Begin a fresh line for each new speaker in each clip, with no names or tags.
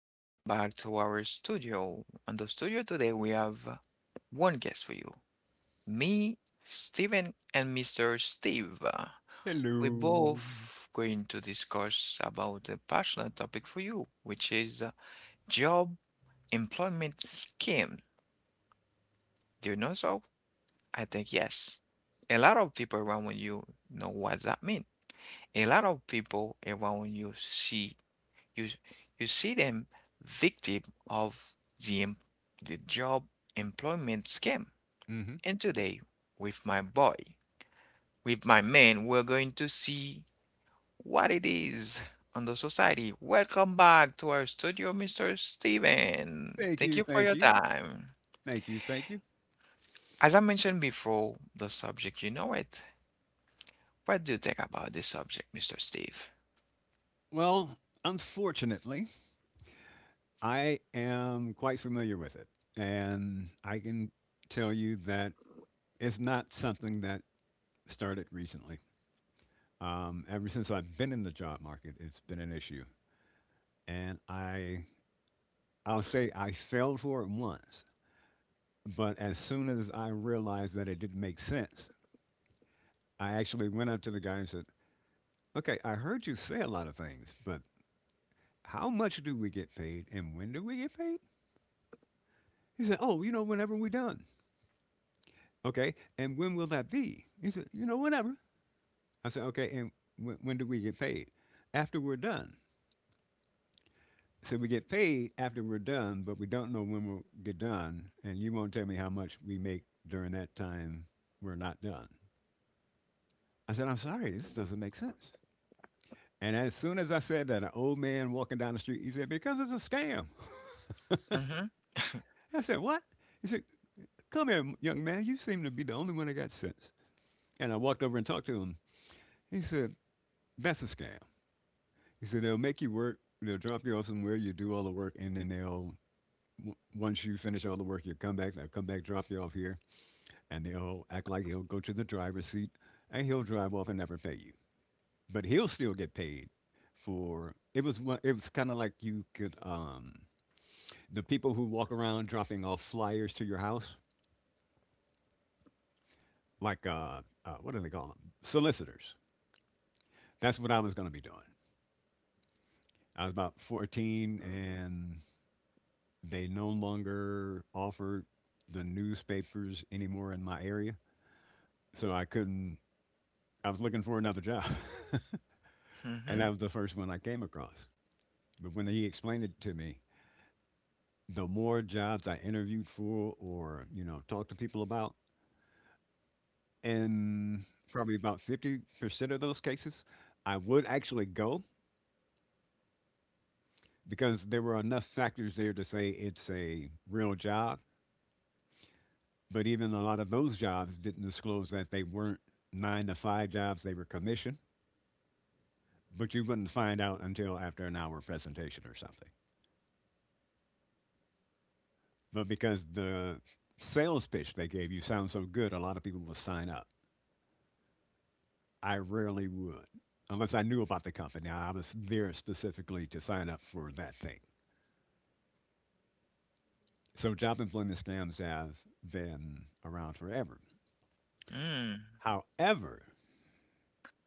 Welcome back to our studio. On the studio today, we have one guest for you, me, Steven, and Mr. Steve. We're
Hello.
both going to discuss about a passionate topic for you, which is job employment scheme. Do you know so? I think yes. A lot of people around you know what that means. A lot of people around you see you you see them victim of the the job employment scam.
hmm
And today, with my boy, with my man, we're going to see what it is on the society. Welcome back to our studio, Mr. Steven.
Thank
Thank
you.
you for
Thank
your
you.
time.
Thank you. Thank you.
As I mentioned before, the subject, you know it. What do you think about this subject, Mr. Steve?
Well, unfortunately, I am quite familiar with it. And I can tell you that it's not something that started recently. Ever since I've been in the job market, it's been an issue. And I, I'll say I failed for it once. But as soon as I realized that it didn't make sense, I actually went up to the guy and said, "Okay, I heard you say a lot of things, but how much do we get paid and when do we get paid?" He said, "Oh, you know, whenever we're done." "Okay. And when will that be?" He said, "You know, whenever." I said, "Okay. And when do we get paid?" "After we're done." "So we get paid after we're done, but we don't know when we'll get done. And you won't tell me how much we make during that time we're not done. I said, I'm sorry, this doesn't make sense." And as soon as I said that, an old man walking down the street, he said, "Because it's a scam."
Mm-hmm.
I said, "What?" He said, "Come here, young man, you seem to be the only one that got sense." And I walked over and talked to him. He said, "That's a scam." He said, "They'll make you work, they'll drop you off somewhere, you do all the work, and then they'll, once you finish all the work, you come back, they'll come back, drop you off here, and they'll act like he'll go to the driver's seat and he'll drive off and never pay you. But he'll still get paid for It was it was kind of like, you could, the people who walk around dropping off flyers to your house, like, what do they call them, solicitors. That's what I was going to be doing. I was about 14, and they no longer offered the newspapers anymore in my area. So I couldn't, I was looking for another job. And
Mm-hmm.
that was the first one I came across. But when he explained it to me, the more jobs I interviewed for or, you know, talked to people about, in probably about 50% of those cases, I would actually go because there were enough factors there to say it's a real job. But even a lot of those jobs didn't disclose that they weren't 9 to 5 jobs, they were commission. But you wouldn't find out until after an hour presentation or something. But because the sales pitch they gave you sounds so good, a lot of people will sign up. I rarely would, unless I knew about the company. I was there specifically to sign up for that thing. So job employment scams have been around forever.
Mm.
However,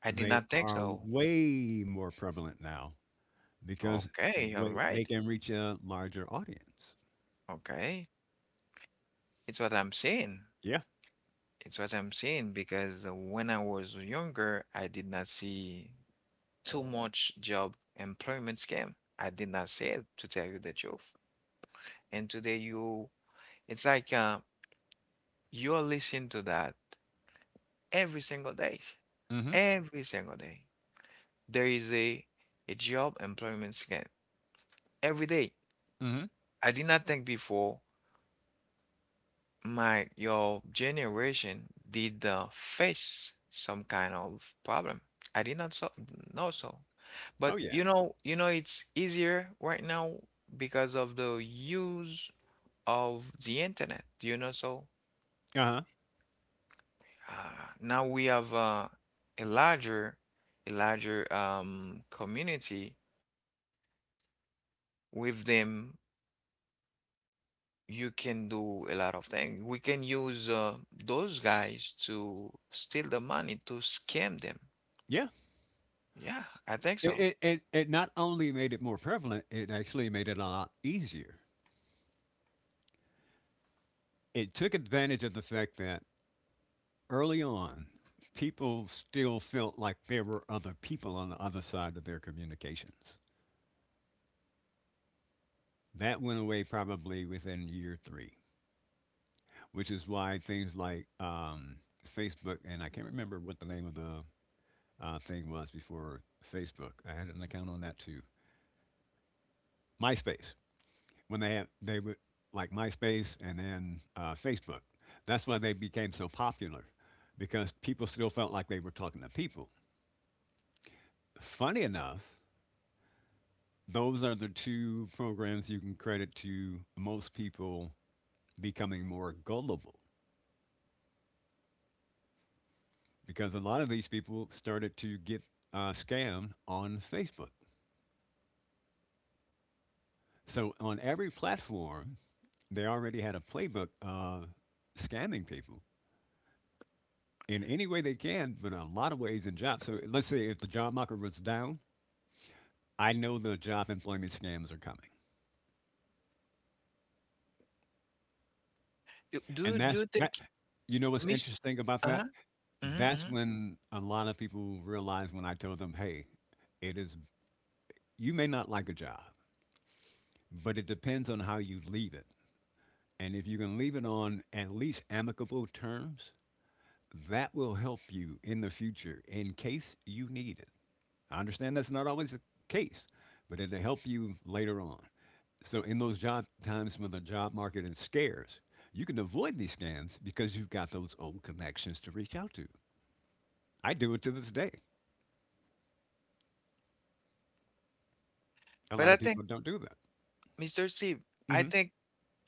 I did
they
not think
are
so.
way more prevalent now because
Okay, all
they
right.
can reach a larger audience.
Okay. It's what I'm saying.
Yeah.
It's what I'm saying because when I was younger, I did not see too much job employment scam. I did not see it, to tell you the truth. And today you, it's like you're listening to that every single day.
hmm
Every single day. There is a job employment scam every day.
hmm
I did not think before My your generation did face some kind of problem. I did not so know so. But
Oh yeah.
it's easier right now because of the use of the internet. Do you know so?
Uh huh.
Now we have a larger a larger community. With them, you can do a lot of things. We can use those guys to steal the money, to scam them.
Yeah.
Yeah, I think
It,
so.
it it it not only made it more prevalent, it actually made it a lot easier. It took advantage of the fact that early on, people still felt like there were other people on the other side of their communications. That went away probably within year three, which is why things like, Facebook, and I can't remember what the name of the, I think, was before Facebook. I had an account on that too. MySpace. When they had, they would, like MySpace and then, Facebook. That's why they became so popular, because people still felt like they were talking to people. Funny enough, those are the two programs you can credit to most people becoming more gullible, because a lot of these people started to get, scammed on Facebook. So on every platform, they already had a playbook, scamming people in any way they can, but in a lot of ways in jobs. So let's say if the job market was down, I know the job employment scams are coming.
Do do
And
do
that's
you think,
that. You know what's
Mr.
interesting about that?
Uh-huh. Mhm,
That's
mhm.
when a lot of people realize when I told them, hey, it is, you may not like a job, but it depends on how you leave it. And if you can leave it on at least amicable terms, that will help you in the future in case you need it. I understand that's not always the case, but it'll help you later on. So, in those job times when the job market is scarce, you can avoid these scams because you've got those old connections to reach out to. I do it to this day. A
But
lot
I
of people
think,
don't do that.
Mr. C, I
hmm
think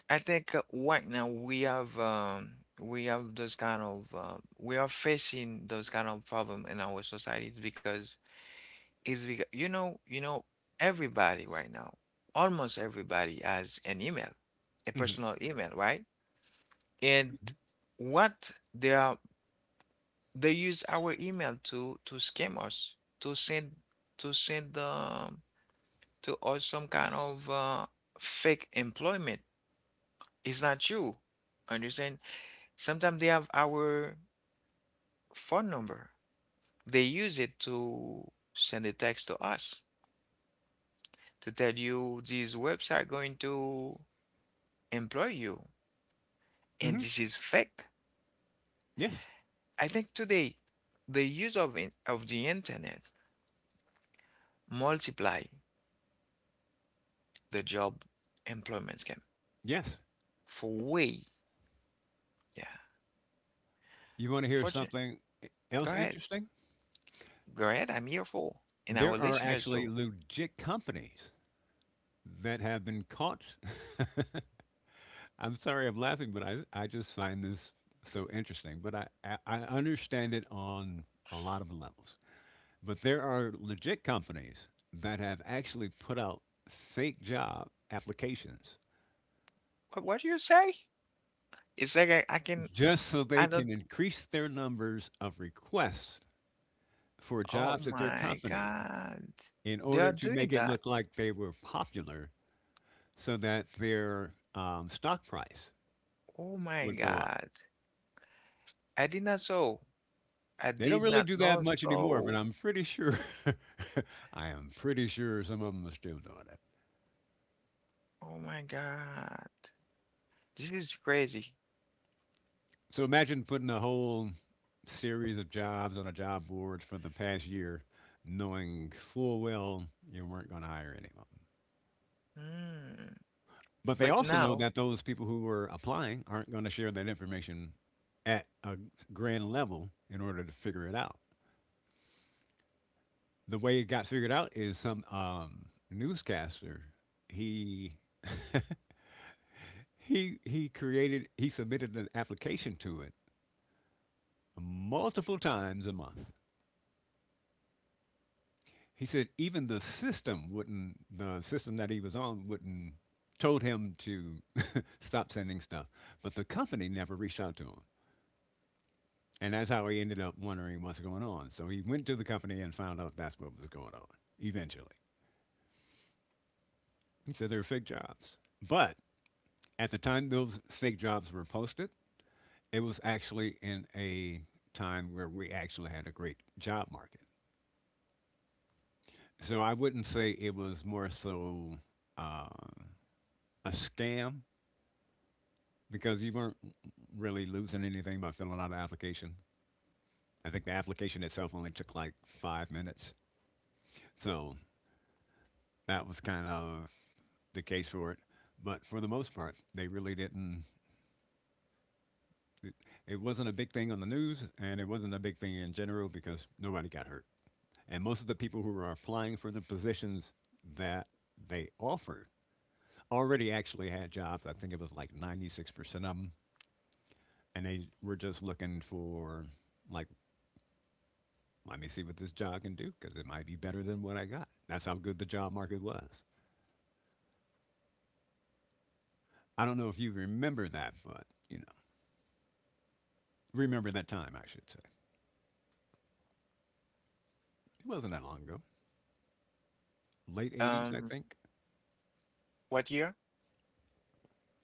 right now we have we have those kind of we are facing those kind of problem in our societies because it's because everybody right now, almost everybody has an email, a
hmm
personal email, right? and what they are They use our email to scam us, to send to send to us some kind of fake employment. It's not you. Understand? Sometimes they have our phone number. They use it to send a text to us to tell you this website going to employ you, and
hmm
this is fake.
Yes.
I think today the use of of the internet multiply the job employment scam.
Yes.
For way, yeah.
You want to hear
Fortune.
something else
Go ahead.
interesting?
Go ahead. I'm here for. And our
There are
listeners
actually
too.
legit companies that have been caught. I'm sorry I'm laughing, but I just find this so interesting. But I understand it on a lot of levels. But there are legit companies that have actually put out fake job applications,
What do you say? It's like I can,
just so they
I don't,
can increase their numbers of requests for
oh
jobs at their
my
company,
God.
in
They are
order to make
doing
it
that.
look like they were popular so that their, stock price
Oh my
would go.
God. I did not so. I
They don't
did
really
not
do that
know
much anymore, but
so.
I'm pretty sure, I am pretty sure some of them are still doing it.
Oh my God. This is crazy.
So imagine putting a whole series of jobs on a job board for the past year, knowing full well you weren't going to hire any of them.
Hmm.
But they
But
also know
now,
that those people who were applying aren't going to share that information at a grand level in order to figure it out. The way it got figured out is, some, newscaster, he, he created, he submitted an application to it multiple times a month. He said even the system wouldn't the system that he was on wouldn't, told him to stop sending stuff, but the company never reached out to him. And that's how he ended up wondering what's going on. So he went to the company and found out that's what was going on eventually. He said they were fake jobs. But at the time those fake jobs were posted, it was actually in a time where we actually had a great job market. So I wouldn't say it was more so, uh, a scam, because you weren't really losing anything by filling out an application. I think the application itself only took like 5 minutes. So that was kind of the case for it. But for the most part, they really didn't. It, it wasn't a big thing on the news and it wasn't a big thing in general because nobody got hurt. And most of the people who were applying for the positions that they offered already actually had jobs. I think it was like 96% of them, and they were just looking for, like, let me see what this job can do because it might be better than what I got. That's how good the job market was. I don't know if you remember that, but, you know, remember that time, I should say. It wasn't that long ago. Late 80s, I
um,
think.
what year?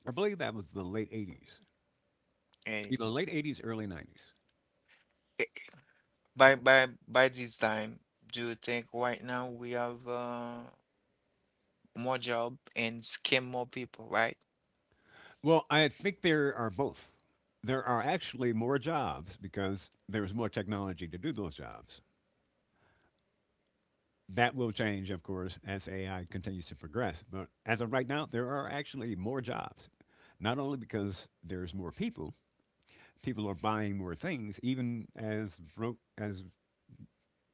I believe that was the late 80s, either
is-
late 80s, early 90s.
eh, by this time, do you think right now we have more job and scam more people, right?
Well, I think there are both. There are actually more jobs because there's more technology to do those jobs. That will change, of course, as AI continues to progress. But as of right now, there are actually more jobs. Not only because there's more people, people are buying more things, even as broke as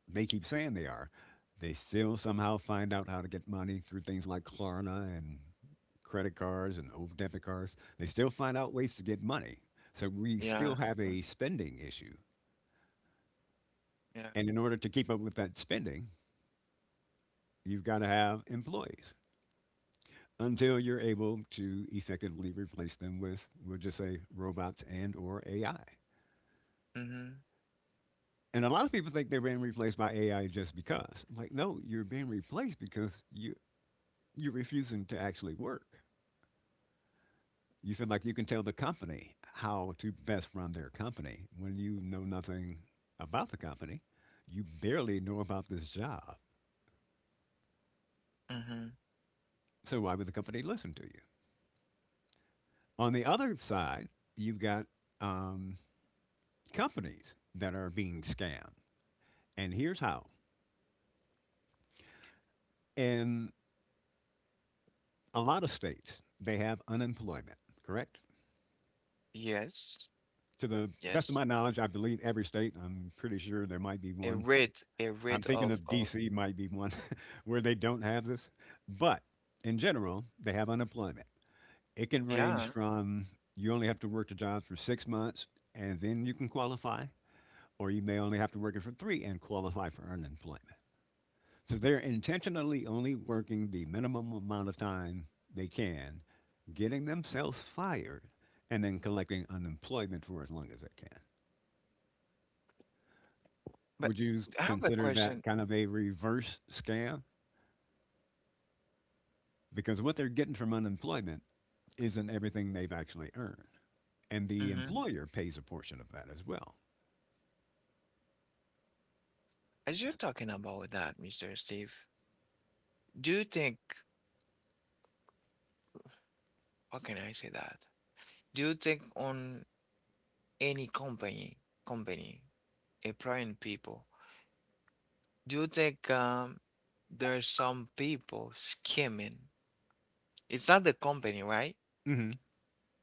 they keep saying they are. They still somehow find out how to get money through things like Klarna and credit cards and over debit cards. They still find out ways to get money. So we still
Yeah.
have a
um,
spending issue.
Yeah.
And in order to keep up with that spending, you've got to have employees, until you're able to effectively replace them with, we'll just say, robots and or AI.
Mm-hmm.
And a lot of people think they're being replaced by AI just because. I'm like, no, you're being replaced because you're refusing to actually work. You feel like you can tell the company how to best run their company when you know nothing about the company. You barely know about this job.
Mm-hmm.
So why would the company listen to you? On the other side, you've got, um, companies that are being scammed. And here's how. In a lot of states, they have unemployment, correct?
Yes.
To the best of
Yes.
my knowledge, I believe every state, I'm pretty sure there might be
A
one.
rate, a
I'm
rate
thinking
of
of
of
DC might be one where they don't have this. But in general, they have unemployment. It can
yeah.
range from, you only have to work the job for 6 months and then you can qualify, or you may only have to work it for 3 and qualify for unemployment. So they're intentionally only working the minimum amount of time they can, getting themselves fired, and then collecting unemployment for as long as they can.
But
Would you
I have a
consider
question.
that kind of a reverse scam? Because what they're getting from unemployment isn't everything they've actually earned. And the
Mm-hmm.
employer pays a portion of that as well.
As you're talking about that, Mr. Steve, do you think, how can I say that? Do you think on any company, company employing people, do you think there's some people scamming? It's not the company, right?
Hmm.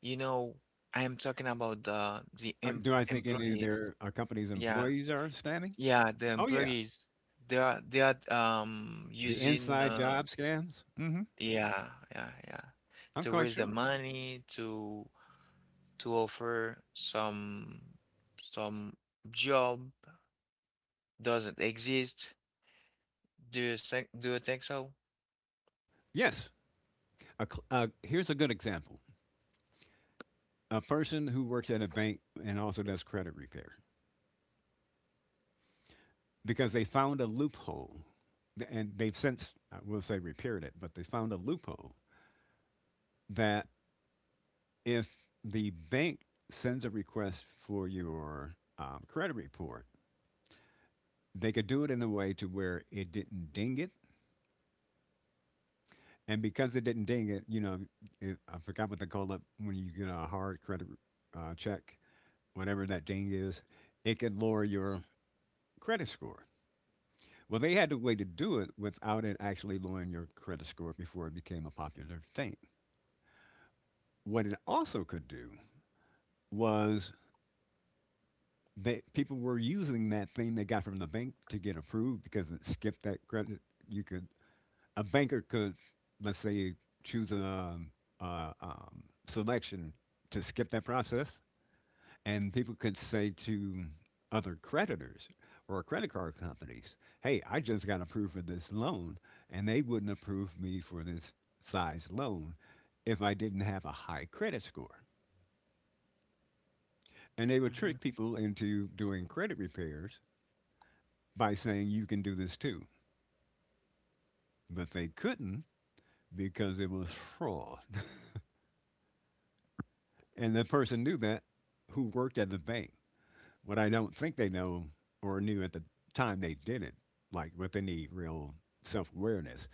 You know, I am talking about the
Do I think any of
employees.
their a company's
Yeah,
employees are scamming?
yeah, the
Oh, yeah.
employees. They are
The
using
inside job scams? Hmm.
yeah, yeah, yeah,
I'm
to
quite
raise the
sure.
money to offer some job doesn't exist. Do you think so?
Yes. Here's a good example: a person who works at a bank and also does credit repair because they found a loophole, and they've since, I will say, repaired it, but they found a loophole that if the bank sends a request for your credit report, they could do it in a way to where it didn't ding it. And because it didn't ding it you know it, I forgot what they call it when you get a hard credit check, whatever that ding is, it could lower your credit score. Well, they had a way to do it without it actually lowering your credit score before it became a popular thing. What it also could do was that people were using that thing they got from the bank to get approved because it skipped that credit. You could, a banker could, let's say, choose a selection to skip that process. And people could say to other creditors or credit card companies, "Hey, I just got approved for this loan, and they wouldn't approve me for this size loan if I didn't have a high credit score." And they would
Mm-hmm.
trick people into doing credit repairs by saying, "You can do this too." But they couldn't, because it was fraud. And the person knew that, who worked at the bank. What I don't think they know or knew at the time they did it, like with any real self awareness,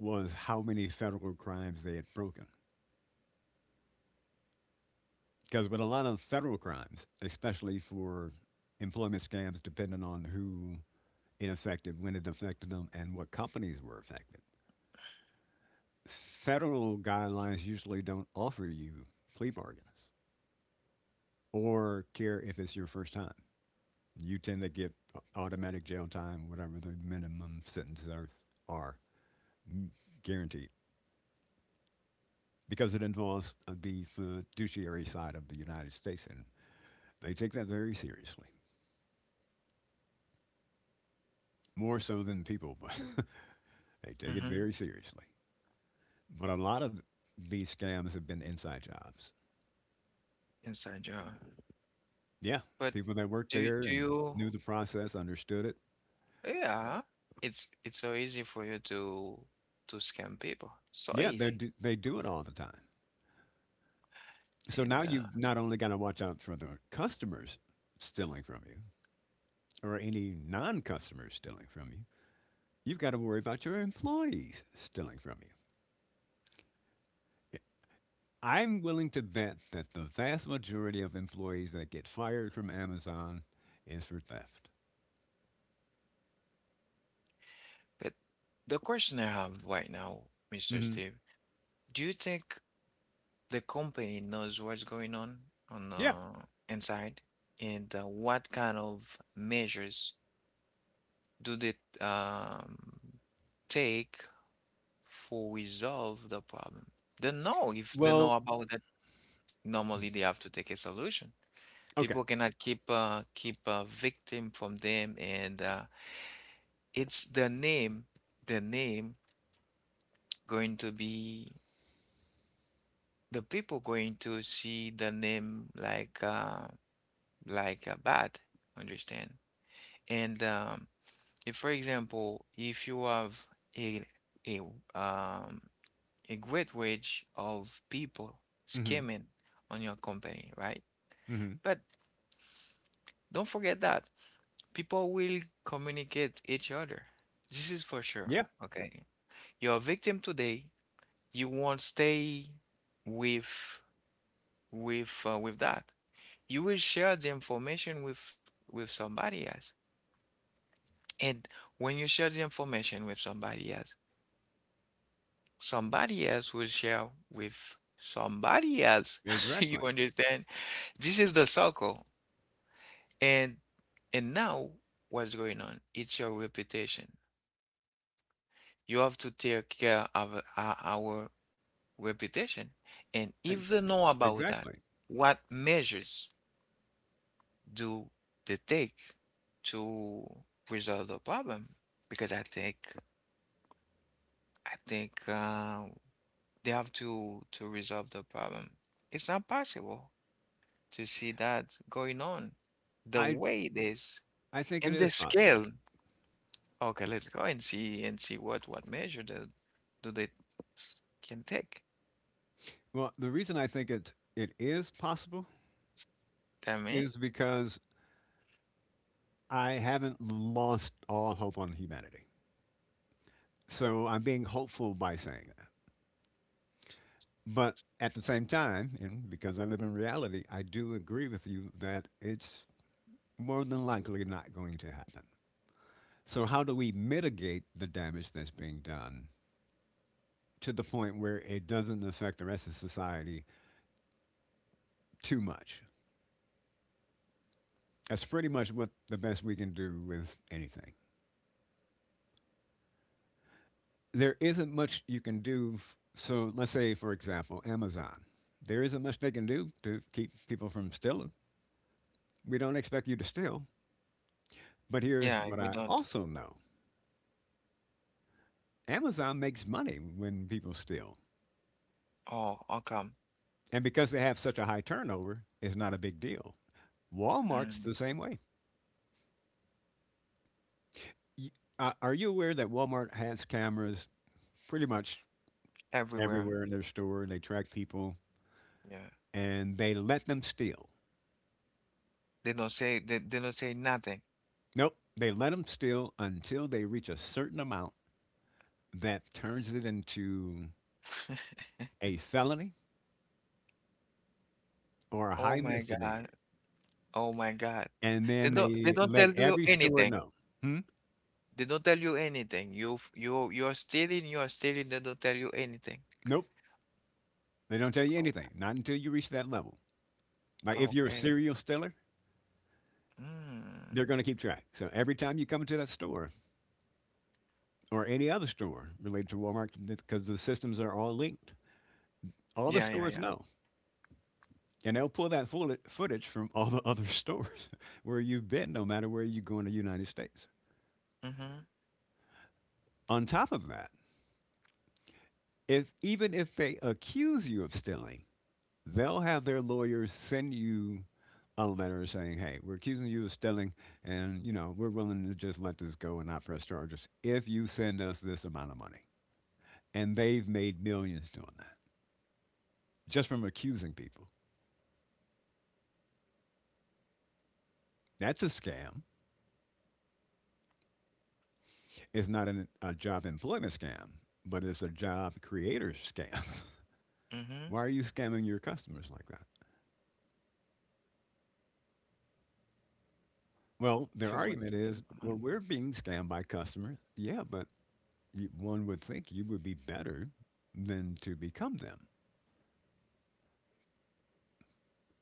was how many federal crimes they had broken. Because with a lot of federal crimes, especially for employment scams, depending on who it affected, when it affected them, and what companies were affected, federal guidelines usually don't offer you plea bargains or care if it's your first time. You tend to get automatic jail time, whatever the minimum sentences are guaranteed, because it involves the fiduciary side of the United States, and they take that very seriously. More so than people, but they take it
Mm-hmm.
very seriously. But a lot of these scams have been inside jobs.
Inside job.
Yeah,
But
people that worked
do
there
do
and
you?
knew the process, understood it.
Yeah, it's so easy for you to scam people. So
Yeah,
easy.
they do it all the time. So now
And
you've not only got to watch out for the customers stealing from you or any non-customers stealing from you, you've got to worry about your employees stealing from you. I'm willing to bet that the vast majority of employees that get fired from Amazon is for theft.
but the question I have right now, Mr.
Hmm.
Steve, do you think the company knows what's going on the
Yeah.
inside? And what kind of measures do they um take for resolve the problem? They know, if they know
Well.
about that, normally they have to take a solution.
Okay.
People cannot keep keep a victim from them, and it's the name, the name going to be the people going to see the name like like bad, understand? And if, for example, if you have a a um a great wage of people
Mhm.
skimming on your company, right?
Mhm.
But don't forget that. People will communicate each other. This is for sure.
Yeah,
Okay. You're a victim today. You won't stay with with that. You will share the information with somebody else. And when you share the information with somebody else will share with somebody else. You
exactly.
understand? This is the circle. And now what's going on? It's your reputation. You have to take care of our reputation. And
E
if they know about that,
Exactly.
what measures do they take to resolve the problem? Because I think I think uh, they have to resolve the problem. It's not possible to see that going on the
I
way it is
I think
and
it
the
is possible.
scale. Okay, let's go and see what measure do they can take.
Well, the reason I think it is possible
Tell me.
is because I haven't lost all hope on humanity. So I'm being hopeful by saying that. But at the same time, and because I live in reality, I do agree with you that it's more than likely not going to happen. So how do we mitigate the damage that's being done to the point where it doesn't affect the rest of society too much? That's pretty much what the best we can do with anything. There isn't much you can do. So let's say, for example, Amazon. There isn't much they can do to keep people from stealing. We don't expect you to steal. But here's
Yeah,
what
we
I
don't.
also know: Amazon makes money when people steal.
Oh, how come?
And because they have such a high turnover, it's not a big deal. Walmart's
Mm,
the same way. Y- Are you aware that Walmart has cameras pretty much
everywhere.
everywhere in their store, and they track people
Yeah.
and they let them steal?
They don't say they don't say nothing.
Nope, they let them steal until they reach a certain amount that turns it into a felony or a
Oh
high
my God.
misdemeanor.
Oh my God.
And then
They
they
don't
let
tell you
every store
anything.
know. Hmm?
They don't tell you anything. You, you're stealing, they don't tell you anything.
Nope, they don't tell you anything, not until you reach that level. Like
Oh,
if you're a
okay.
serial stealer,
Mm.
they're going to keep track. So every time you come into that store or any other store related to Walmart, because the systems are all linked, all the
Yeah, yeah,
stores
yeah.
know. And they'll pull that footage from all the other stores where you've been, no matter where you go in the United States.
Mm-hmm.
On top of that, if even if they accuse you of stealing, they'll have their lawyers send you a letter saying, "Hey, we're accusing you of stealing, and you know we're willing to just let this go and not press charges if you send us this amount of money." And they've made millions doing that just from accusing people. That's a scam. It's not a job employment scam, but it's a job creator scam.
Mm-hmm.
Why are you scamming your customers like that? Well,
They
their
want to
argument
get
is,
my
well,
money.
we're being scammed by customers. Yeah, but you, one would think you would be better than to become them.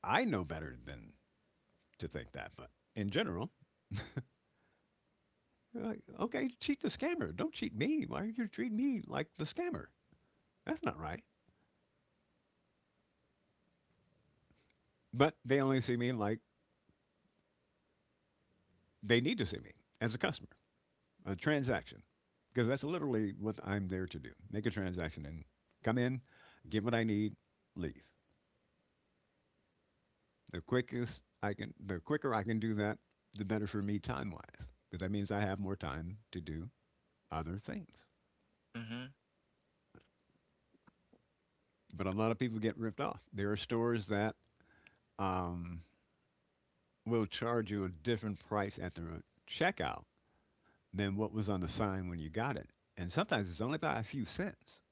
I know better than to think that, but in general, you're like, okay, cheat the scammer. Don't cheat me. Why are you treating me like the scammer? That's not right. But they only see me like they need to see me, as a customer, a transaction, because that's literally what I'm there to do: make a transaction and come in, get what I need, leave. The quickest I can, the quicker I can do that, the better for me time wise, because that means I have more time to do other things.
Mm-hmm.
But a lot of people get ripped off. There are stores that um, will charge you a different price at the checkout than what was on the sign when you got it, and sometimes it's only by a few cents.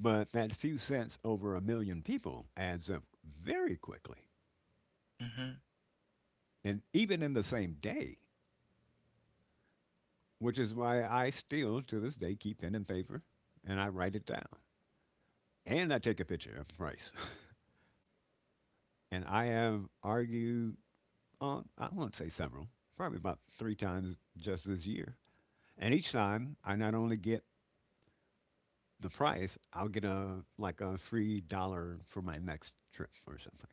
But that few cents over a million people adds up very quickly,
Mm-hmm.
and even in the same day, which is why I still to this day keep pen and paper and I write it down, and I take a picture of price. And I have argued on, I won't say several, probably about three times just this year. And each time I not only get the price, I'll get a, like, a free dollar for my next trip or something.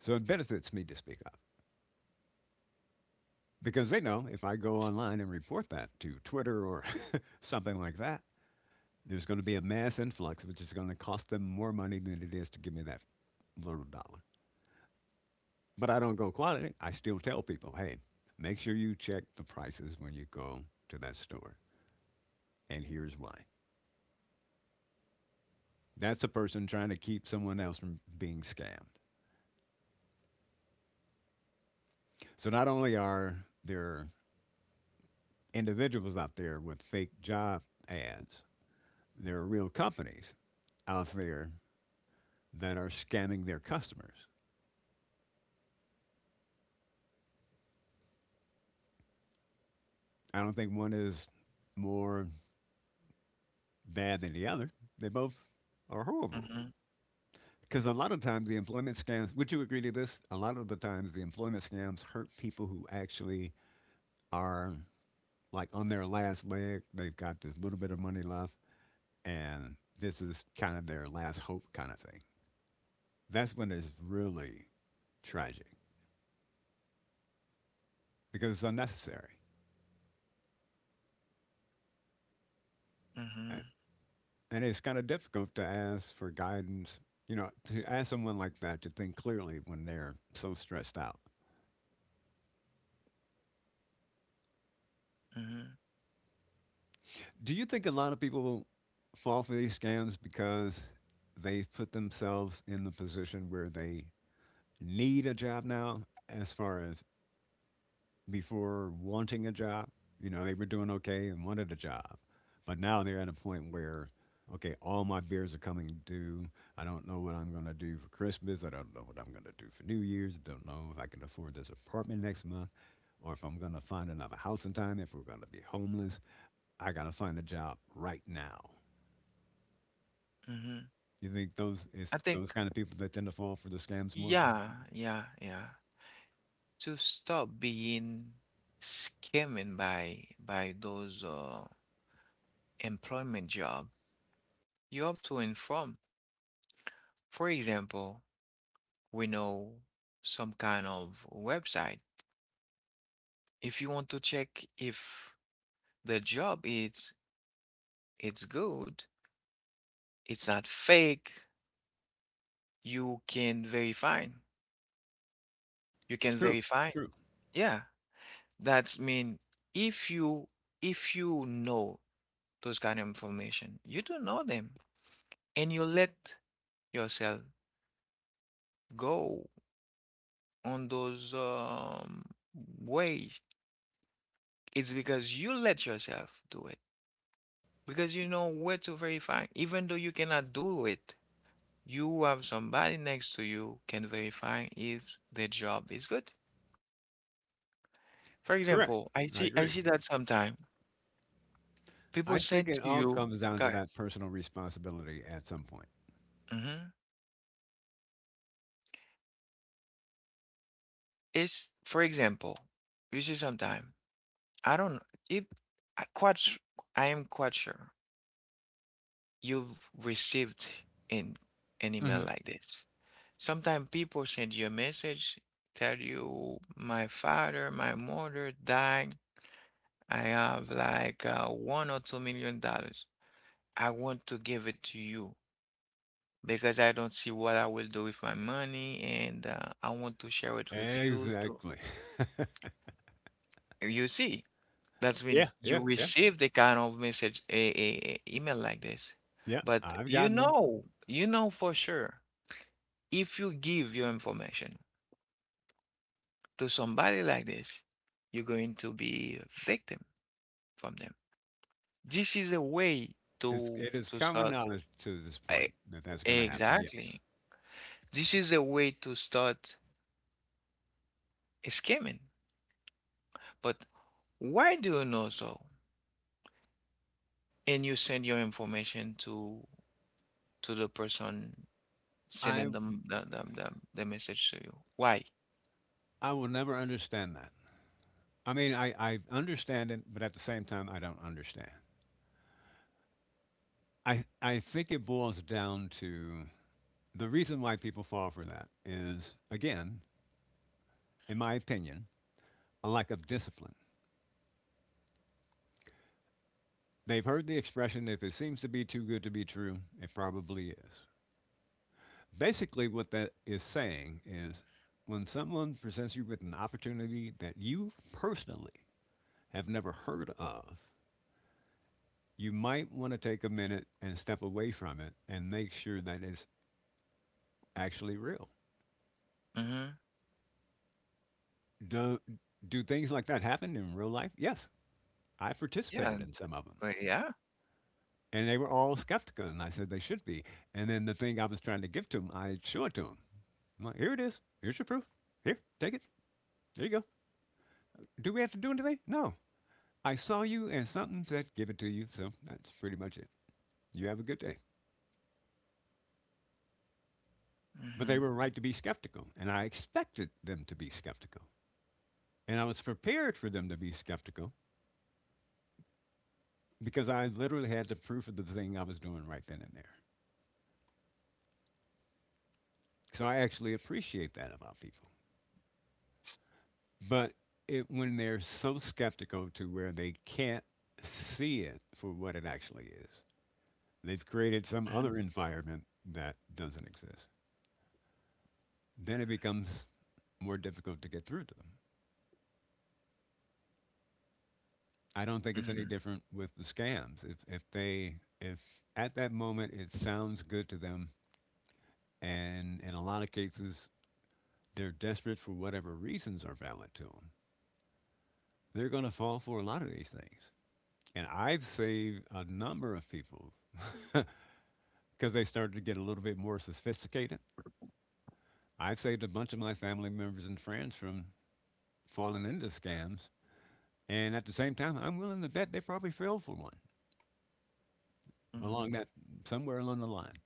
So it benefits me to speak up because they know if I go online and report that to Twitter or something like that, there's going to be a mass influx, which is going to cost them more money than it is to give me that little dollar. But I don't go quality. I still tell people, hey, make sure you check the prices when you go to that store. And here's why. That's a person trying to keep someone else from being scammed. So not only are there individuals out there with fake job ads, there are real companies out there that are scamming their customers. I don't think one is more bad than the other. They both are horrible.
Mm-hmm.
Because a lot of times the employment scams, would you agree to this? A lot of the times the employment scams hurt people who actually are like on their last leg. They've got this little bit of money left, and this is kind of their last hope kind of thing. That's when it's really tragic because it's unnecessary.
Mm-hmm.
A- And it's kind of difficult to ask for guidance, you know, to ask someone like that to think clearly when they're so stressed out.
Mm-hmm.
Do you think a lot of people fall for these scams because they put themselves in the position where they need a job now, as far as before wanting a job? You know, they were doing okay and wanted a job, but now they're at a point where, okay, all my bills are coming due. I don't know what I'm going to do for Christmas. I don't know what I'm going to do for New Year's. I don't know if I can afford this apartment next month or if I'm going to find another house in time, if we're going to be homeless. I got to find a job right now.
Mm-hmm.
You think those,
I
it's those
think
kind of people that tend to fall for the scams more?
yeah, yeah, yeah, to stop being scammed by those employment job. You have to inform. For example, we know some kind of website. If you want to check if the job is it's good, it's not fake, you can verify. You can
True,
verify.
true,
Yeah, that's mean if you know those kind of information, you don't know them and you let yourself go on those ways, it's because you let yourself do it. Because you know where to verify. Even though you cannot do it, you have somebody next to you can verify if the job is good. For
correct.
example,
I
I
agree.
see that sometime
I
people
think
send
it
to
all
you,
comes down to
guy.
that personal responsibility at some point.
Hmm. It's, for example, you see sometime I don't it I quite s- I am quite sure you've received in an email
Hmm.
like this. Sometimes people send you a message, tell you, my father, my mother died. I have like $1 or $2 million. I want to give it to you because I don't see what I will do with my money and I want to share it with you to
Exactly.
you see, that's when
Yeah, yeah,
you
yeah,
receive the kind of message, a email like this,
yeah.
but
I've gotten them.
for sure if you give your information to somebody like this, you're going to be a victim from them. This is a way
It's
to
it is common
start,
knowledge to this
e-
point that that's going to happen. Yes,
exactly. This is a way to start scamming. But why do you know so? And you send your information to the person
I
sending them the message to you. Why?
I will never understand that. I mean, I understand it, but at the same time, I don't understand. I think it boils down to the reason why people fall for that is, again, in my opinion, a lack of discipline. They've heard the expression, if it seems to be too good to be true, it probably is. Basically, what that is saying is when someone presents you with an opportunity that you personally have never heard of, you might want to take a minute and step away from it and make sure that it's actually real.
Mm-hmm.
Do, do things like that happen in real life? Yes, I
Yeah.
participated in some of them.
But yeah.
And they were all skeptical. And I said, they should be. And then the thing I was trying to give to them, I showed it to them. I'm like, here it is. Here's your proof. Here, take it. There you go. Do we have to do anything? No. I saw you and something said give it to you. So that's pretty much it. You have a good day. But
Mm-hmm.
they were right to be skeptical. And I expected them to be skeptical. And I was prepared for them to be skeptical because I literally had the proof of the thing I was doing right then and there. So I actually appreciate that about people. But it, when they're so skeptical to where they can't see it for what it actually is, they've created some
Mm-hmm.
other environment that doesn't exist. Then it becomes more difficult to get through to them. I don't think it's
Mm-hmm.
any different with the scams. If at that moment it sounds good to them, and in a lot of cases they're desperate for whatever reasons are valid to them, they're going to fall for a lot of these things. And I've saved a number of people because they started to get a little bit more sophisticated. I've saved a bunch of my family members and friends from falling into scams, and at the same time, I'm willing to bet they probably fell for one
Mhm,
along that somewhere along the line.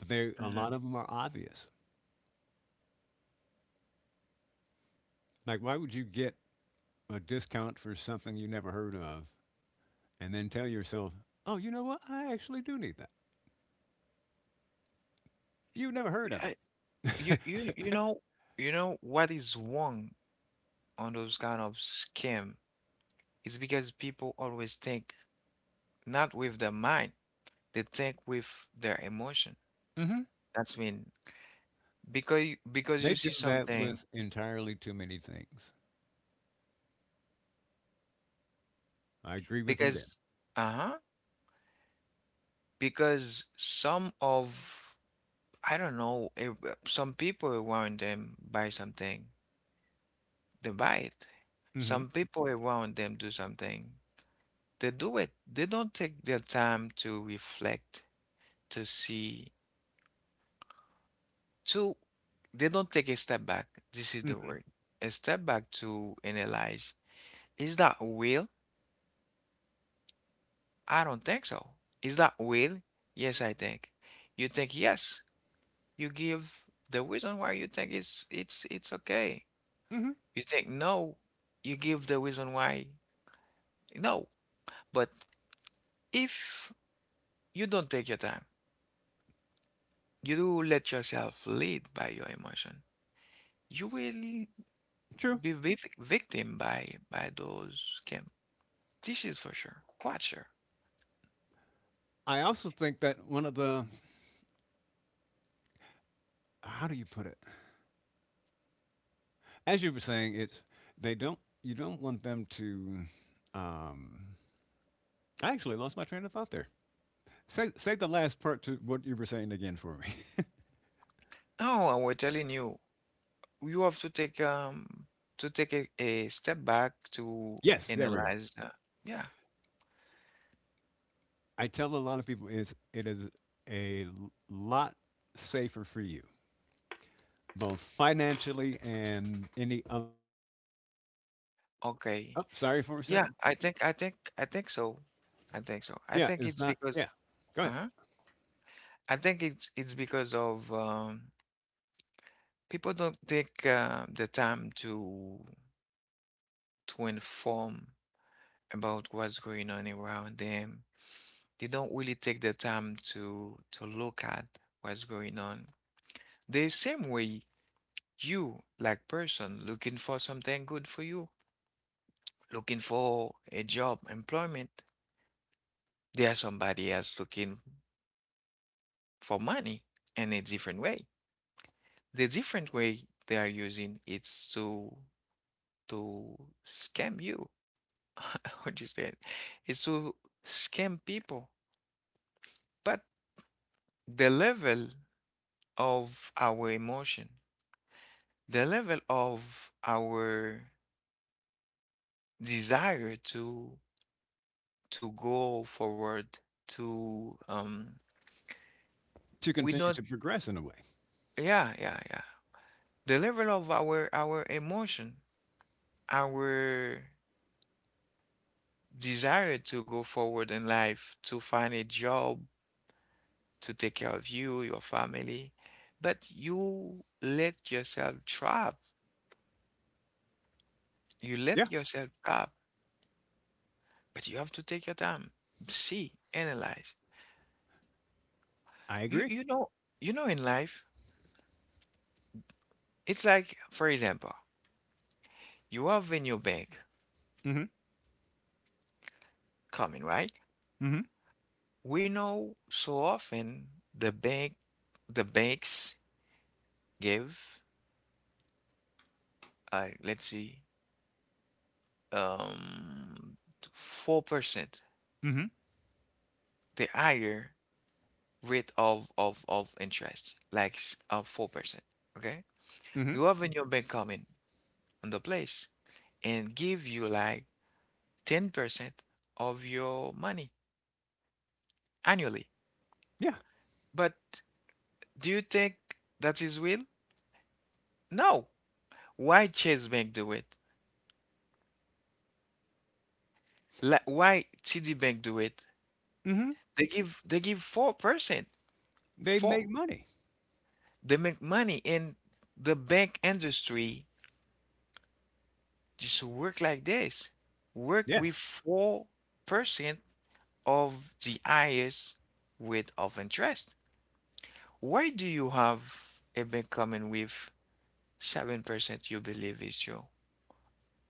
But they a
mhm.
lot of them are obvious. Like, why would you get a discount for something you never heard of, and then tell yourself, "Oh, you know what? I actually do need that." You've never heard of
I, you
it.
you you know what is wrong on those kind of scam is because people always think not with their mind, they think with their emotion.
hmm
That's mean, because because
They
you
do
see
that
something,
with entirely too many things. I agree with you there.
because uh-huh, because some of I don't know if, some people around them buy something, they buy it,
hmm
some people around them do something, they do it, they don't take their time to reflect, to see, to they don't take a step back. This is the
hmm
word, a step back to analyze. Is that real? I don't think so. Is that real? Yes, I think. You think yes, you give the reason why, you think it's okay.
hmm
You think no, you give the reason why no. But if you don't take your time, you do let yourself lead by your emotion, you will
True.
be victim by those scam. This is for sure, quite sure.
I also think that one of the, how do you put it? As you were saying, it's they don't you don't want them to. Um, I actually lost my train of thought there. Say the last part to what you were saying again for me.
Now we're telling you, you have to take a step back to
Yes, there we go.
analyze. Yeah,
I tell a lot of people is it is a lot safer for you, both financially and any. Other,
okay,
oh, sorry for a
yeah.
second.
I think so. I think so. I
Yeah,
think
it's
it's
not.
because.
Yeah, go ahead
Uh-huh. I think it's because of people don't take the time to inform about what's going on around them. They don't really take the time to look at what's going on. The same way you, like person, looking for something good for you, looking for a job, employment, there's somebody else looking for money in a different way. The different way they are using it's to to scam you. Understand? It's to scam people. But the level of our emotion, the level of our desire to go forward, to
to
we
continue
don't.
to progress in a way.
Yeah, yeah, yeah. The level of our emotion, our desire to go forward in life, to find a job, to take care of you, your family, but you let yourself trap. You let
Yeah,
yourself trap, but you have to take your time, see, analyze.
I
You
agree.
you know you know in life, it's like for example, you have in your bank
Mm-hmm.
coming, right?
Mm-hmm.
We know so often the bank the banks give let's see um 4%.
Mm-hmm.
The higher rate of interest, like 4%, okay?
Mm-hmm.
You have in your bank coming on the place and give you like 10% of your money annually.
Yeah.
But do you think that is real? No. Why Chase Bank do it? Like why TD Bank do it?
Mm-hmm.
They give 4%.
They
4.
make money.
They make money and the bank industry just work like this. Work with
Yes.
4% of the highest rate of interest. Why do you have a bank coming with 7% you believe is true,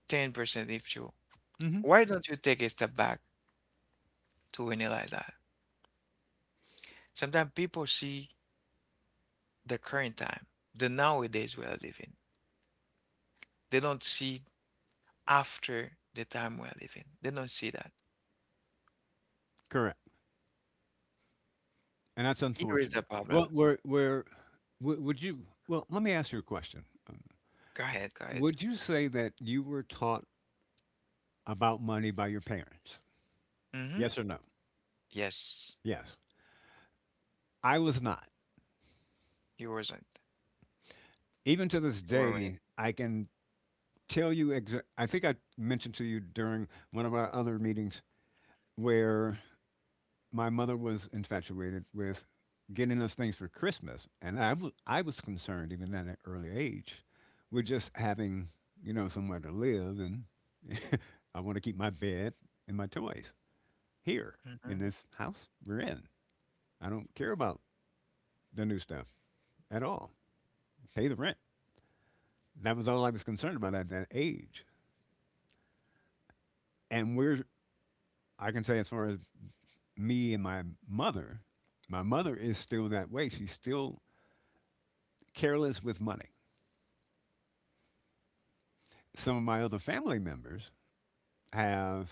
10% if true?
Mhm.
Why don't you take a step back to analyze that? Sometimes people see the current time, the nowadays we are living. They don't see after the time we are living. They don't see that.
Correct, and that's
Here is the
unfortunate. Well,
problem.
we're wou would you, well, let me ask you a question,
Go ahead, go ahead.
would you say that you were taught about money by your parents?
Mm-hmm.
Yes or no?
Yes,
Yes. I was not.
you wasn't.
Even to this
You weren't.
day, I can tell you exa I think I mentioned to you during one of our other meetings where my mother was infatuated with getting us things for Christmas, and I was concerned even at an early age with just having, you know, somewhere to live, and I want to keep my bed and my toys here in
Mm-hmm.
this house we're in. I don't care about the new stuff at all. Pay the rent. That was all I was concerned about at that age. And we're I can say as far as me and mother, my mother is still that way. She's still careless with money. Some of my other family members have,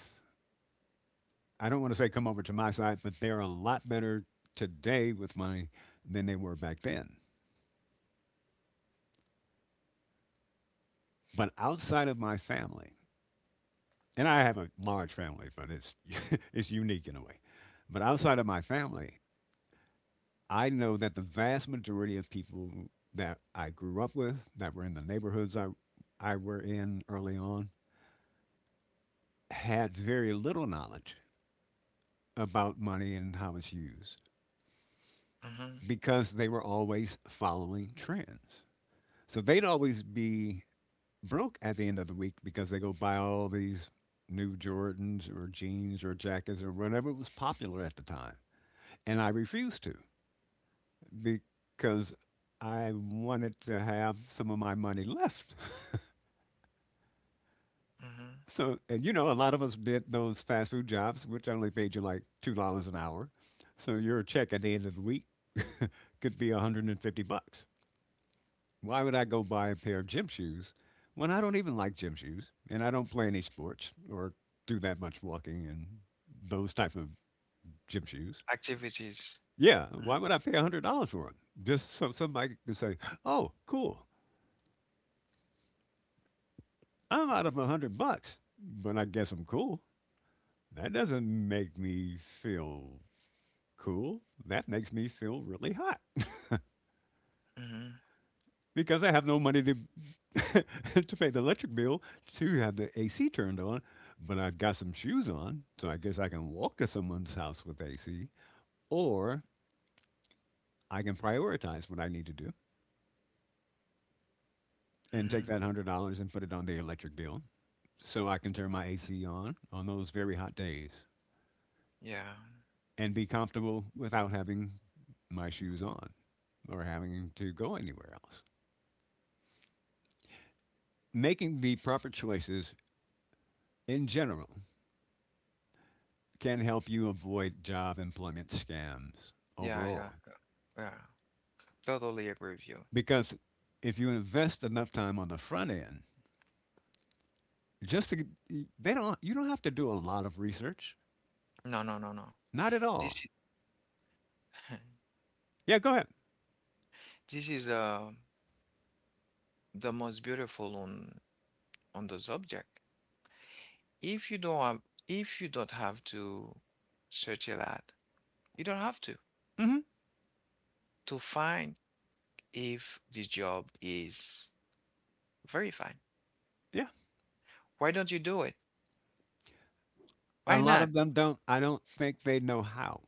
I don't want to say come over to my side, but they're a lot better today with money than they were back then. But outside of my family, and I have a large family, but it's it's unique in a way. But outside of my family, I know that the vast majority of people that I grew up with, that were in the neighborhoods I were in early on, had very little knowledge about money and how it's used
Mm-hmm.
because they were always following trends. So they'd always be broke at the end of the week because they go buy all these new Jordans or jeans or jackets or whatever was popular at the time. And I refused to because I wanted to have some of my money left.
Mm-hmm.
So, and you know, a lot of us did those fast food jobs, which only paid you like $2 an hour. So your check at the end of the week could be 150 bucks. Why would I go buy a pair of gym shoes when I don't even like gym shoes and I don't play any sports or do that much walking and those type of gym shoes?
Activities.
Yeah,
Mm-hmm.
why would I pay $100 for them? Just so somebody can say, "Oh, cool, I'm out of 100 bucks, but I guess I'm cool." That doesn't make me feel cool. That makes me feel really hot,
Mhm.
because I have no money to to pay the electric bill to have the AC turned on. But I've got some shoes on, so I guess I can walk to someone's house with AC, or I can prioritize what I need to do and take
Mhm.
that $100 and put it on the electric bill, so I can turn my AC on those very hot days
Yeah.
and be comfortable without having my shoes on or having to go anywhere else. Making the proper choices in general can help you avoid job employment scams
Yeah, yeah.
overall.
Yeah. Yeah. Totally agree with you.
Because if you invest enough time on the front end, just to get- they don't you don't have to do a lot of research,
No, no, no, no.
not at all.
This I-
Yeah, go ahead.
this is the most beautiful on the subject. If you don't have, if you don't have to search a lot, you don't have to
hmm
find if the job is verified.
Yeah,
Why don't you do it?
a
Why
lot of
not?
them don't. I don't think they know how.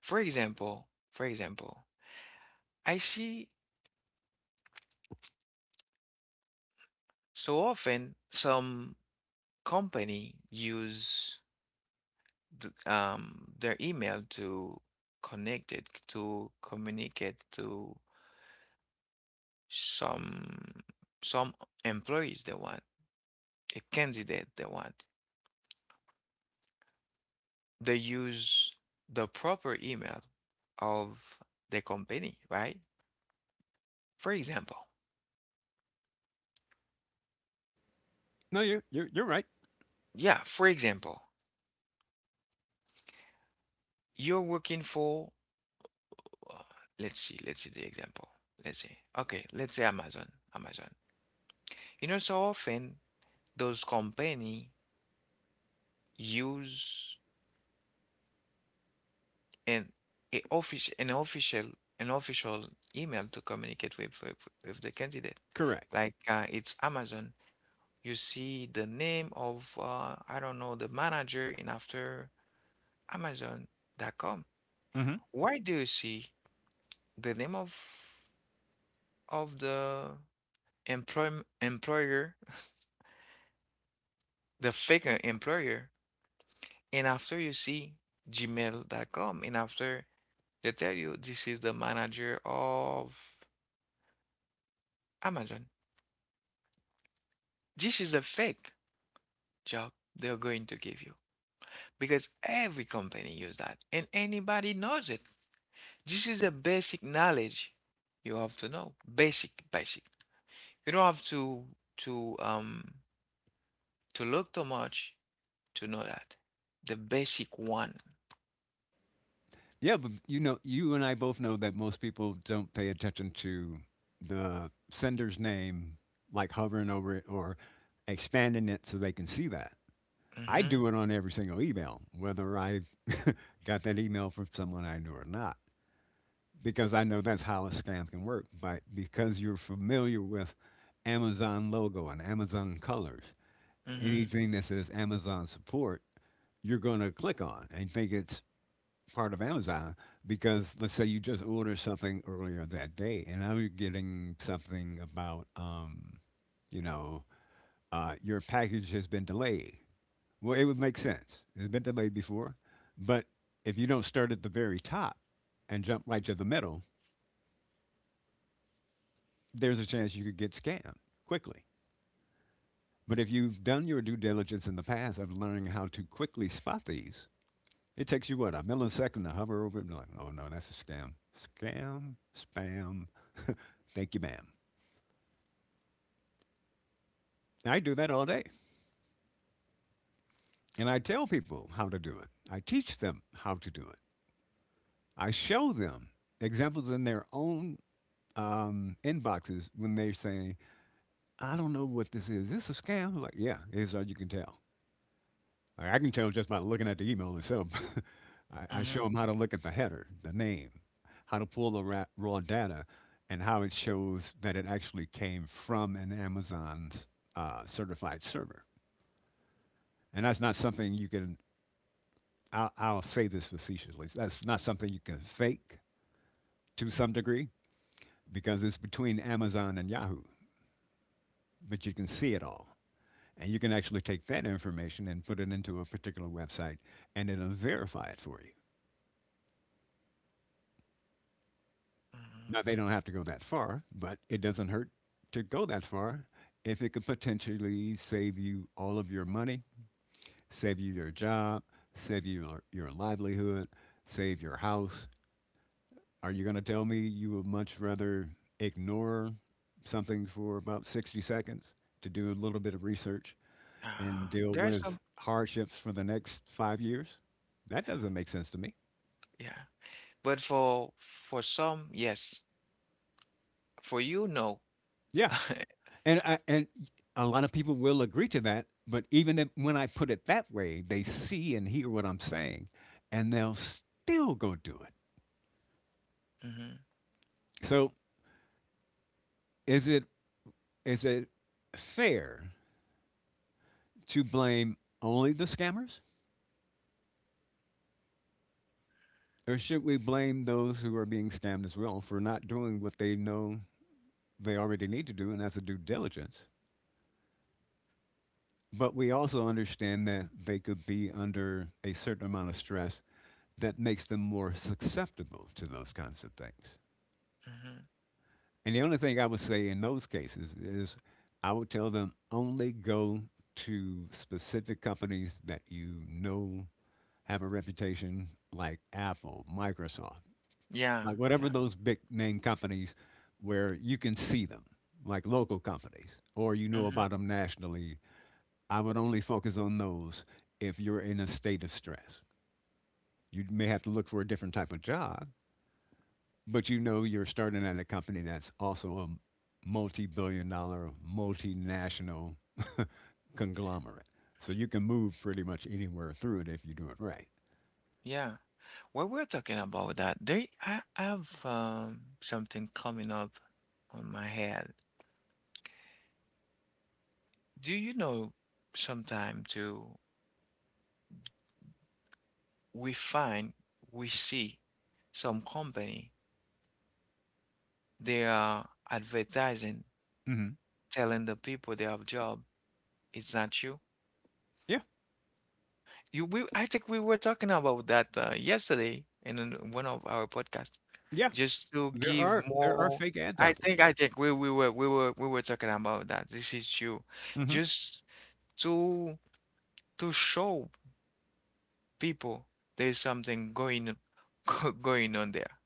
For example, I see so often some company use their email to connect it, to communicate to some some employees they want, a candidate they want. They use the proper email of the company, right? For example,
No, you're right.
yeah, for example, you're working for, uh, let's see the example. Let's see. Okay, let's say Amazon. Amazon. You know, so often those company use and a offici an official email to communicate with the candidate.
Correct.
Like it's Amazon, you see the name of I don't know the manager in after Amazon.com.
hmm
Why do you see the name of the employ employer, the fake employer, and after you see Gmail.com and after they tell you this is the manager of Amazon. This is a fake job they're going to give you because every company uses that and anybody knows it. This is the basic knowledge. You have to know basic. You don't have to to um to look too much to know that the basic one.
Yeah, but you know, you and I both know that most people don't pay attention to the sender's name, like hovering over it or expanding it so they can see that. I
Mm-hmm.
do it on every single email, whether I got that email from someone I knew or not, because I know that's how a scam can work. But because you're familiar with Amazon logo and Amazon colors,
Mm-hmm.
anything that says Amazon support, you're going to click on and think it's part of Amazon because let's say you just ordered something earlier that day and now you're getting something about, you know, your package has been delayed. Well, it would make sense. It's been delayed before, but if you don't start at the very top and jump right to the middle, there's a chance you could get scammed quickly. But if you've done your due diligence in the past of learning how to quickly spot these, it takes you what, a millisecond to hover over it and be like, oh no, that's a scam, scam, spam. Thank you, ma'am. I do that all day, and I tell people how to do it. I teach them how to do it. I show them examples in their own, inboxes when they say, I don't know what this is. Is this a scam? I'm like, yeah, it's all you can tell. Like, I can tell just by looking at the email itself. I show
Mm-hmm.
them how to look at the header, the name, how to pull the raw data, and how it shows that it actually came from an Amazon's certified server. And that's not something you can, I'll say this facetiously, that's not something you can fake to some degree because it's between Amazon and Yahoo, but you can see it all. And you can actually take that information and put it into a particular website, and it'll verify it for you.
Mm-hmm.
Now, they don't have to go that far, but it doesn't hurt to go that far if it could potentially save you all of your money, save you your job, save you your livelihood, save your house. Are you going to tell me you would much rather ignore something for about 60 seconds to do a little bit of research and deal
There are some.
with hardships for the next 5 years? That doesn't make sense to me.
Yeah, but for some yes, for you no.
Yeah, and a lot of people will agree to that. But even if, when I put it that way, they see and hear what I'm saying, and they'll still go do it.
Mm-hmm.
So is it is it fair to blame only the scammers, or should we blame those who are being scammed as well for not doing what they know they already need to do, and that's a due diligence? But we also understand that they could be under a certain amount of stress that makes them more susceptible to those kinds of things.
Mm-hmm.
And the only thing I would say in those cases is I would tell them only go to specific companies that you know have a reputation like Apple, Microsoft,
Yeah.
like
Yeah.
whatever those big name companies where you can see them, like local companies, or you know
Mm-hmm.
about them nationally. I would only focus on those if you're in a state of stress. You may have to look for a different type of job. But you're starting at a company that's also a multi billion dollar, multinational conglomerate. So you can move pretty much anywhere through it if you do it right.
Yeah. While we're talking about that, there I have something coming up on my head. Do you know sometime too we find we see some company they are advertising
Hmm.
telling the people they have job? It's not you.
Yeah.
You we I think we were talking about that yesterday in one of our podcasts
Yeah.
just to
There
give
are there are
more.
fake ads out there.
I think we were we were talking about that. This is you.
Hmm.
Just to show people there's something going going on there.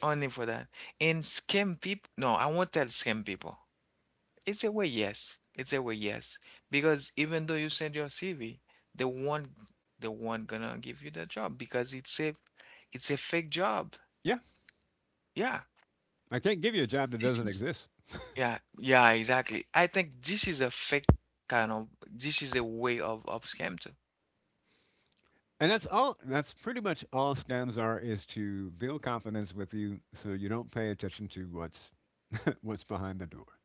Only for that. And scam people. No, I won't tell scam people. It's a way, yes. It's a way, yes. Because even though you send your CV, they won't they won't gonna give you the job because it's a fake job.
Yeah.
Yeah.
I can't give you a job that
This
doesn't
is
exist.
yeah, yeah, exactly. I think this is a fake kind of, this is a way of scam too.
And that's pretty much all scams are is to build confidence with you so you don't pay attention to what's what's behind the door.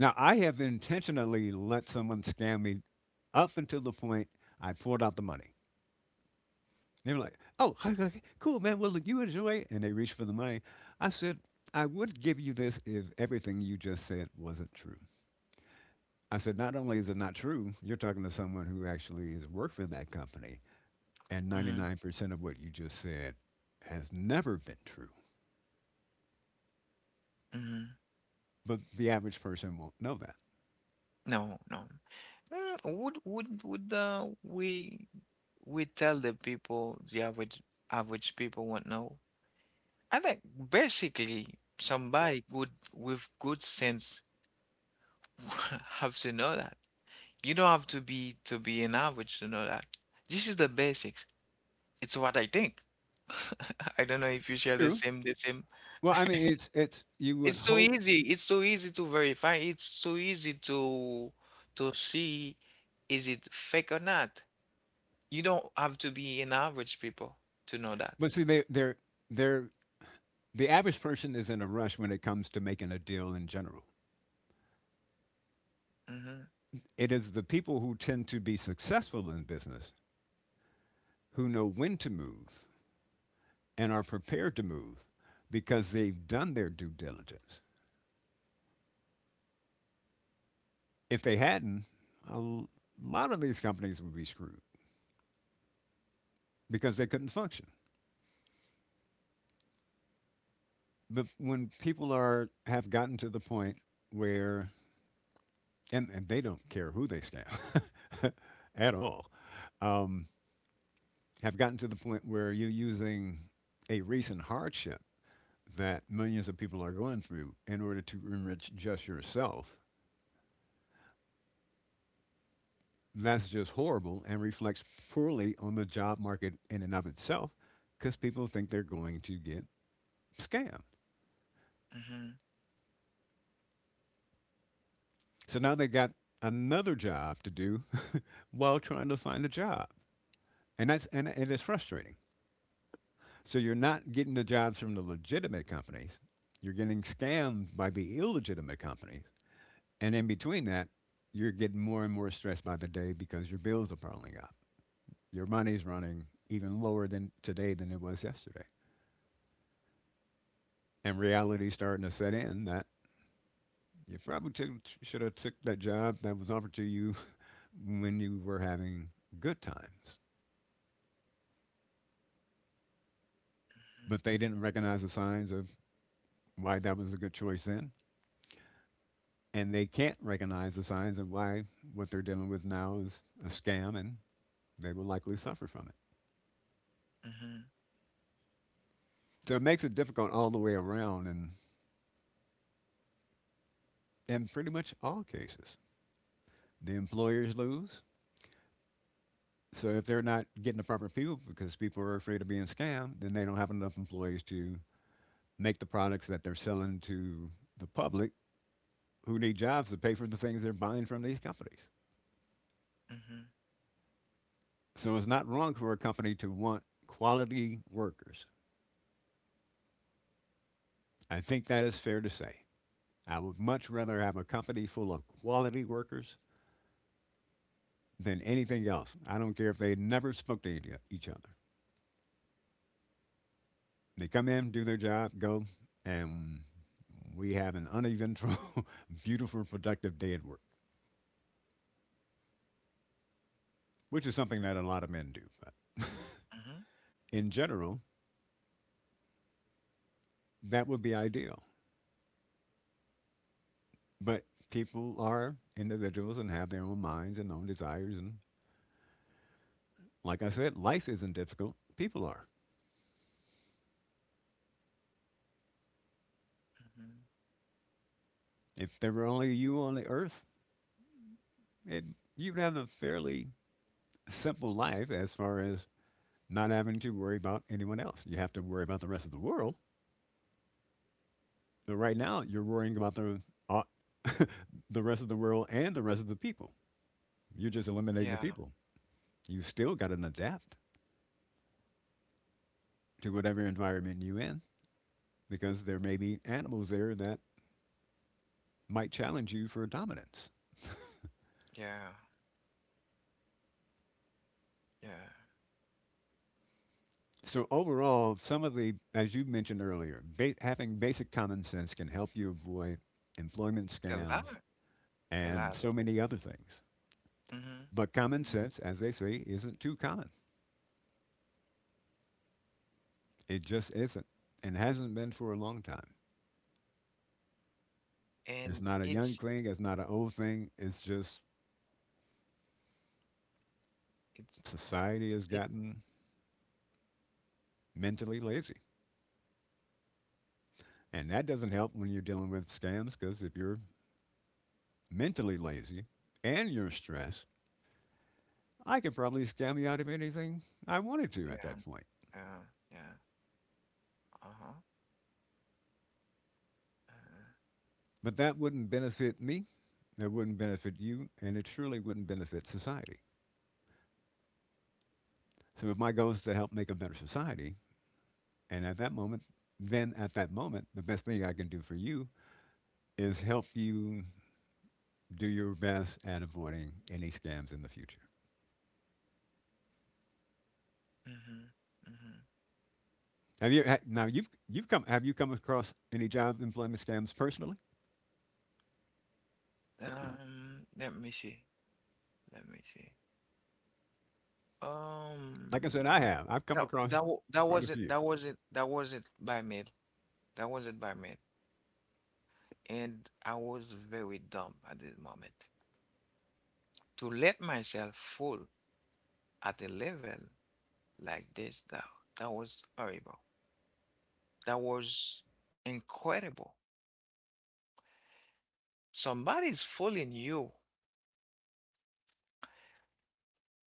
Now, I have intentionally let someone scam me up until the point I poured out the money. They were like, oh, okay, cool, man. Well, look, you enjoy it. And they reached for the money. I said, I would give you this if everything you just said wasn't true. I said, not only is it not true, you're talking to someone who actually has worked for that company, and
Mm-hmm.
99% of what you just said has never been true.
Mm-hmm.
But the average person won't know that.
No, no. Would we tell the people the average people won't know? I think basically somebody good with good sense have to know that. You don't have to be an average to know that. This is the basics. It's what I think. I don't know if you share
True.
the same.
Well, I mean, it's you would
It's too
hope,
easy. It's too easy to verify. It's too easy to see is it fake or not. You don't have to be an average people to know that.
but see, they they're the average person is in a rush when it comes to making a deal in general.
Mhm.
It is the people who tend to be successful in business who know when to move and are prepared to move because they've done their due diligence. If they hadn't, a lot of these companies would be screwed because they couldn't function. But when people are have gotten to the point where and they don't care who they scam at all, um, have gotten to the point where you're using a recent hardship that millions of people are going through in order to enrich just yourself, that's just horrible and reflects poorly on the job market in and of itself because people think they're going to get scammed.
Mhm.
So now they got another job to do while trying to find a job. And it is frustrating. So you're not getting the jobs from the legitimate companies. You're getting scammed by the illegitimate companies. And in between that, you're getting more and more stressed by the day because your bills are piling up. Your money's running even lower than today than it was yesterday. And reality's starting to set in that you probably should have took that job that was offered to you when you were having good times. But they didn't recognize the signs of why that was a good choice then. And they can't recognize the signs of why what they're dealing with now is a scam, and they will likely suffer from it.
Mhm.
So it makes it difficult all the way around and in pretty much all cases. The employers lose. So if they're not getting the proper people because people are afraid of being scammed, then they don't have enough employees to make the products that they're selling to the public who need jobs to pay for the things they're buying from these companies.
Mhm.
So it's not wrong for a company to want quality workers. I think that is fair to say. I would much rather have a company full of quality workers than anything else. I don't care if they never spoke to each other. They come in, do their job, go, and we have an uneventful, beautiful, productive day at work, which is something that a lot of men do. But
Mhm.
in general, that would be ideal. But people are individuals and have their own minds and own desires. And like I said, life isn't difficult. People are.
Mhm.
If there were only you on the earth, it, you'd have a fairly simple life as far as not having to worry about anyone else. You have to worry about the rest of the world. So right now, you're worrying about the uh, the rest of the world and the rest of the people. You're just eliminating
Yeah,
the people. You still got to adapt to whatever environment you're in because there may be animals there that might challenge you for dominance.
yeah, yeah.
So overall, as you mentioned earlier, having basic common sense can help you avoid employment
A
scams
lot, a lot
and
of
so
things.
many other things.
Mhm,
But common
mhm.
sense, as they say, isn't too common. It just isn't and hasn't been for a long time.
And
It's not a young thing, it's not an old thing. It's just
it's
society has
it.
gotten mentally lazy. And that doesn't help when you're dealing with scams because if you're mentally lazy and you're stressed, I could probably scam you out of anything I wanted to at
Yeah,
that point.
yeah, yeah. Uh huh. Uh,
But that wouldn't benefit me. That wouldn't benefit you, and it surely wouldn't benefit society. So if my goal is to help make a better society, and at that moment, then at that moment, the best thing I can do for you is help you do your best at avoiding any scams in the future.
mhm, mhm.
Have you ha- now you've come Have you come across any job employment scams personally?
Let me see. Let me see.
Like I said,
Um,
I have. I've come
that
across
that wa- that
quite a
wasn't
few.
that wasn't that wasn't by me. That wasn't by me. And I was very dumb at this moment. To let myself fall at a level like this, that, that was horrible. That was incredible. Somebody's fooling you.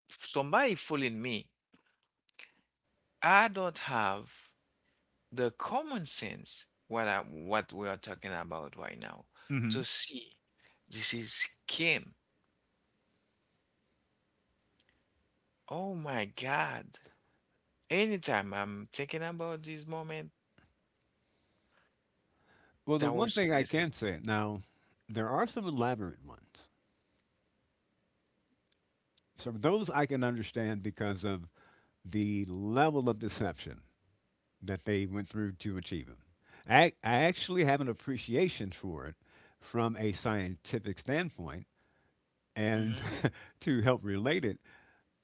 Somebody fooling me. I don't have the common sense what I, what we are talking about right now to
Hmm.
see this is Kim. Oh my God. Anytime I'm thinking about this moment,
Well, the
that
one
was
thing I
crazy.
can say now, there are some elaborate ones. So those I can understand because of the level of deception that they went through to achieve them. I actually have an appreciation for it from a scientific standpoint, and
Hmm.
to help relate it,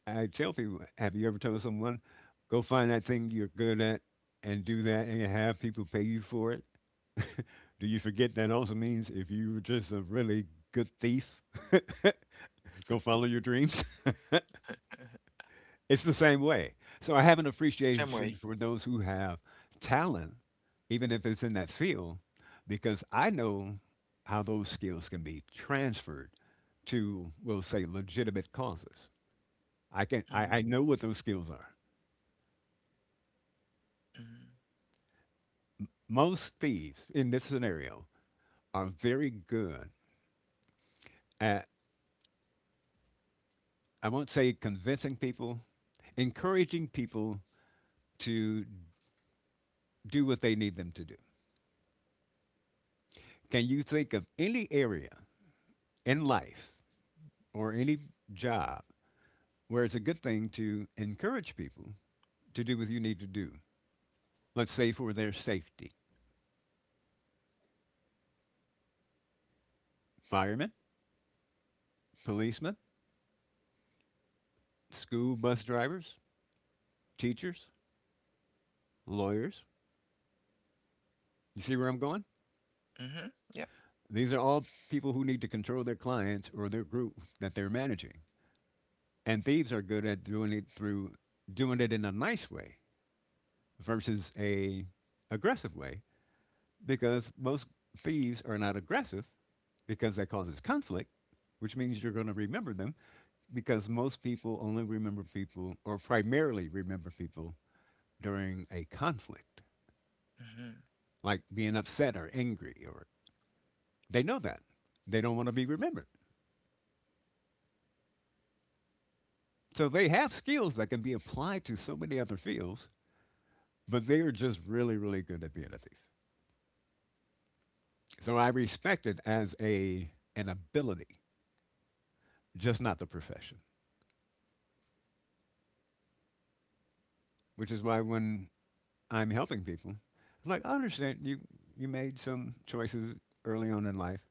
I tell people, have you ever told someone, go find that thing you're good at and do that and have people pay you for it? Do you forget that also means if you were just a really good thief, go follow your dreams? It's the same way. So I have an
The same
appreciation
way.
for those who have talent, even if it's in that field, because I know how those skills can be transferred to, we'll say, legitimate causes. I
Mhm,
know what those skills are.
mhm,
Most thieves in this scenario are very good at, I won't say convincing people, encouraging people to do what they need them to do. Can you think of any area in life or any job where it's a good thing to encourage people to do what you need to do? Let's say for their safety. Firemen, policemen, school bus drivers, teachers, lawyers. You see where I'm going?
mhm, yeah,
These are all people who need to control their clients or their group that they're managing. And thieves are good at doing it through doing it in a nice way versus a aggressive way because most thieves are not aggressive because that causes conflict, which means you're going to remember them because most people only remember people or primarily remember people during a conflict,
mhm,
like being upset or angry or they know that. They don't want to be remembered. So they have skills that can be applied to so many other fields, but they are just really, really good at being a thief. So I respect it as a an ability, just not the profession. Which is why when I'm helping people, I'm like, I understand you made some choices early on in life.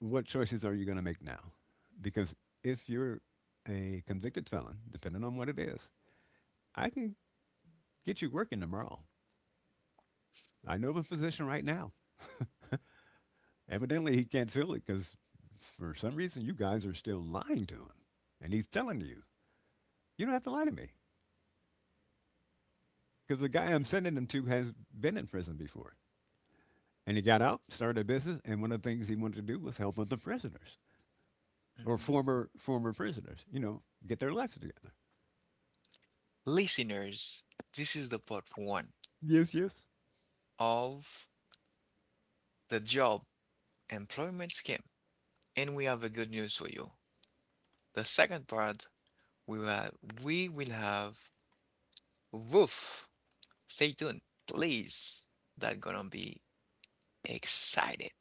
What choices are you going to make now? Because if you're a convicted felon, depending on what it is, I can get you working tomorrow. I know of a physician right now. Evidently, he can't feel it because for some reason you guys are still lying to him. And he's telling you, you don't have to lie to me because the guy I'm
mm,
sending him to has been in prison before. And he got out, started a business, and one of the things he wanted to do was help other prisoners or
mhm.
former prisoners, get their lives together.
Listeners, this is the part one
Yes, yes.
of the job employment scheme, and we have a good news for you. The second part, we will have, we will have. Woof. Stay tuned, please. That's gonna be excited.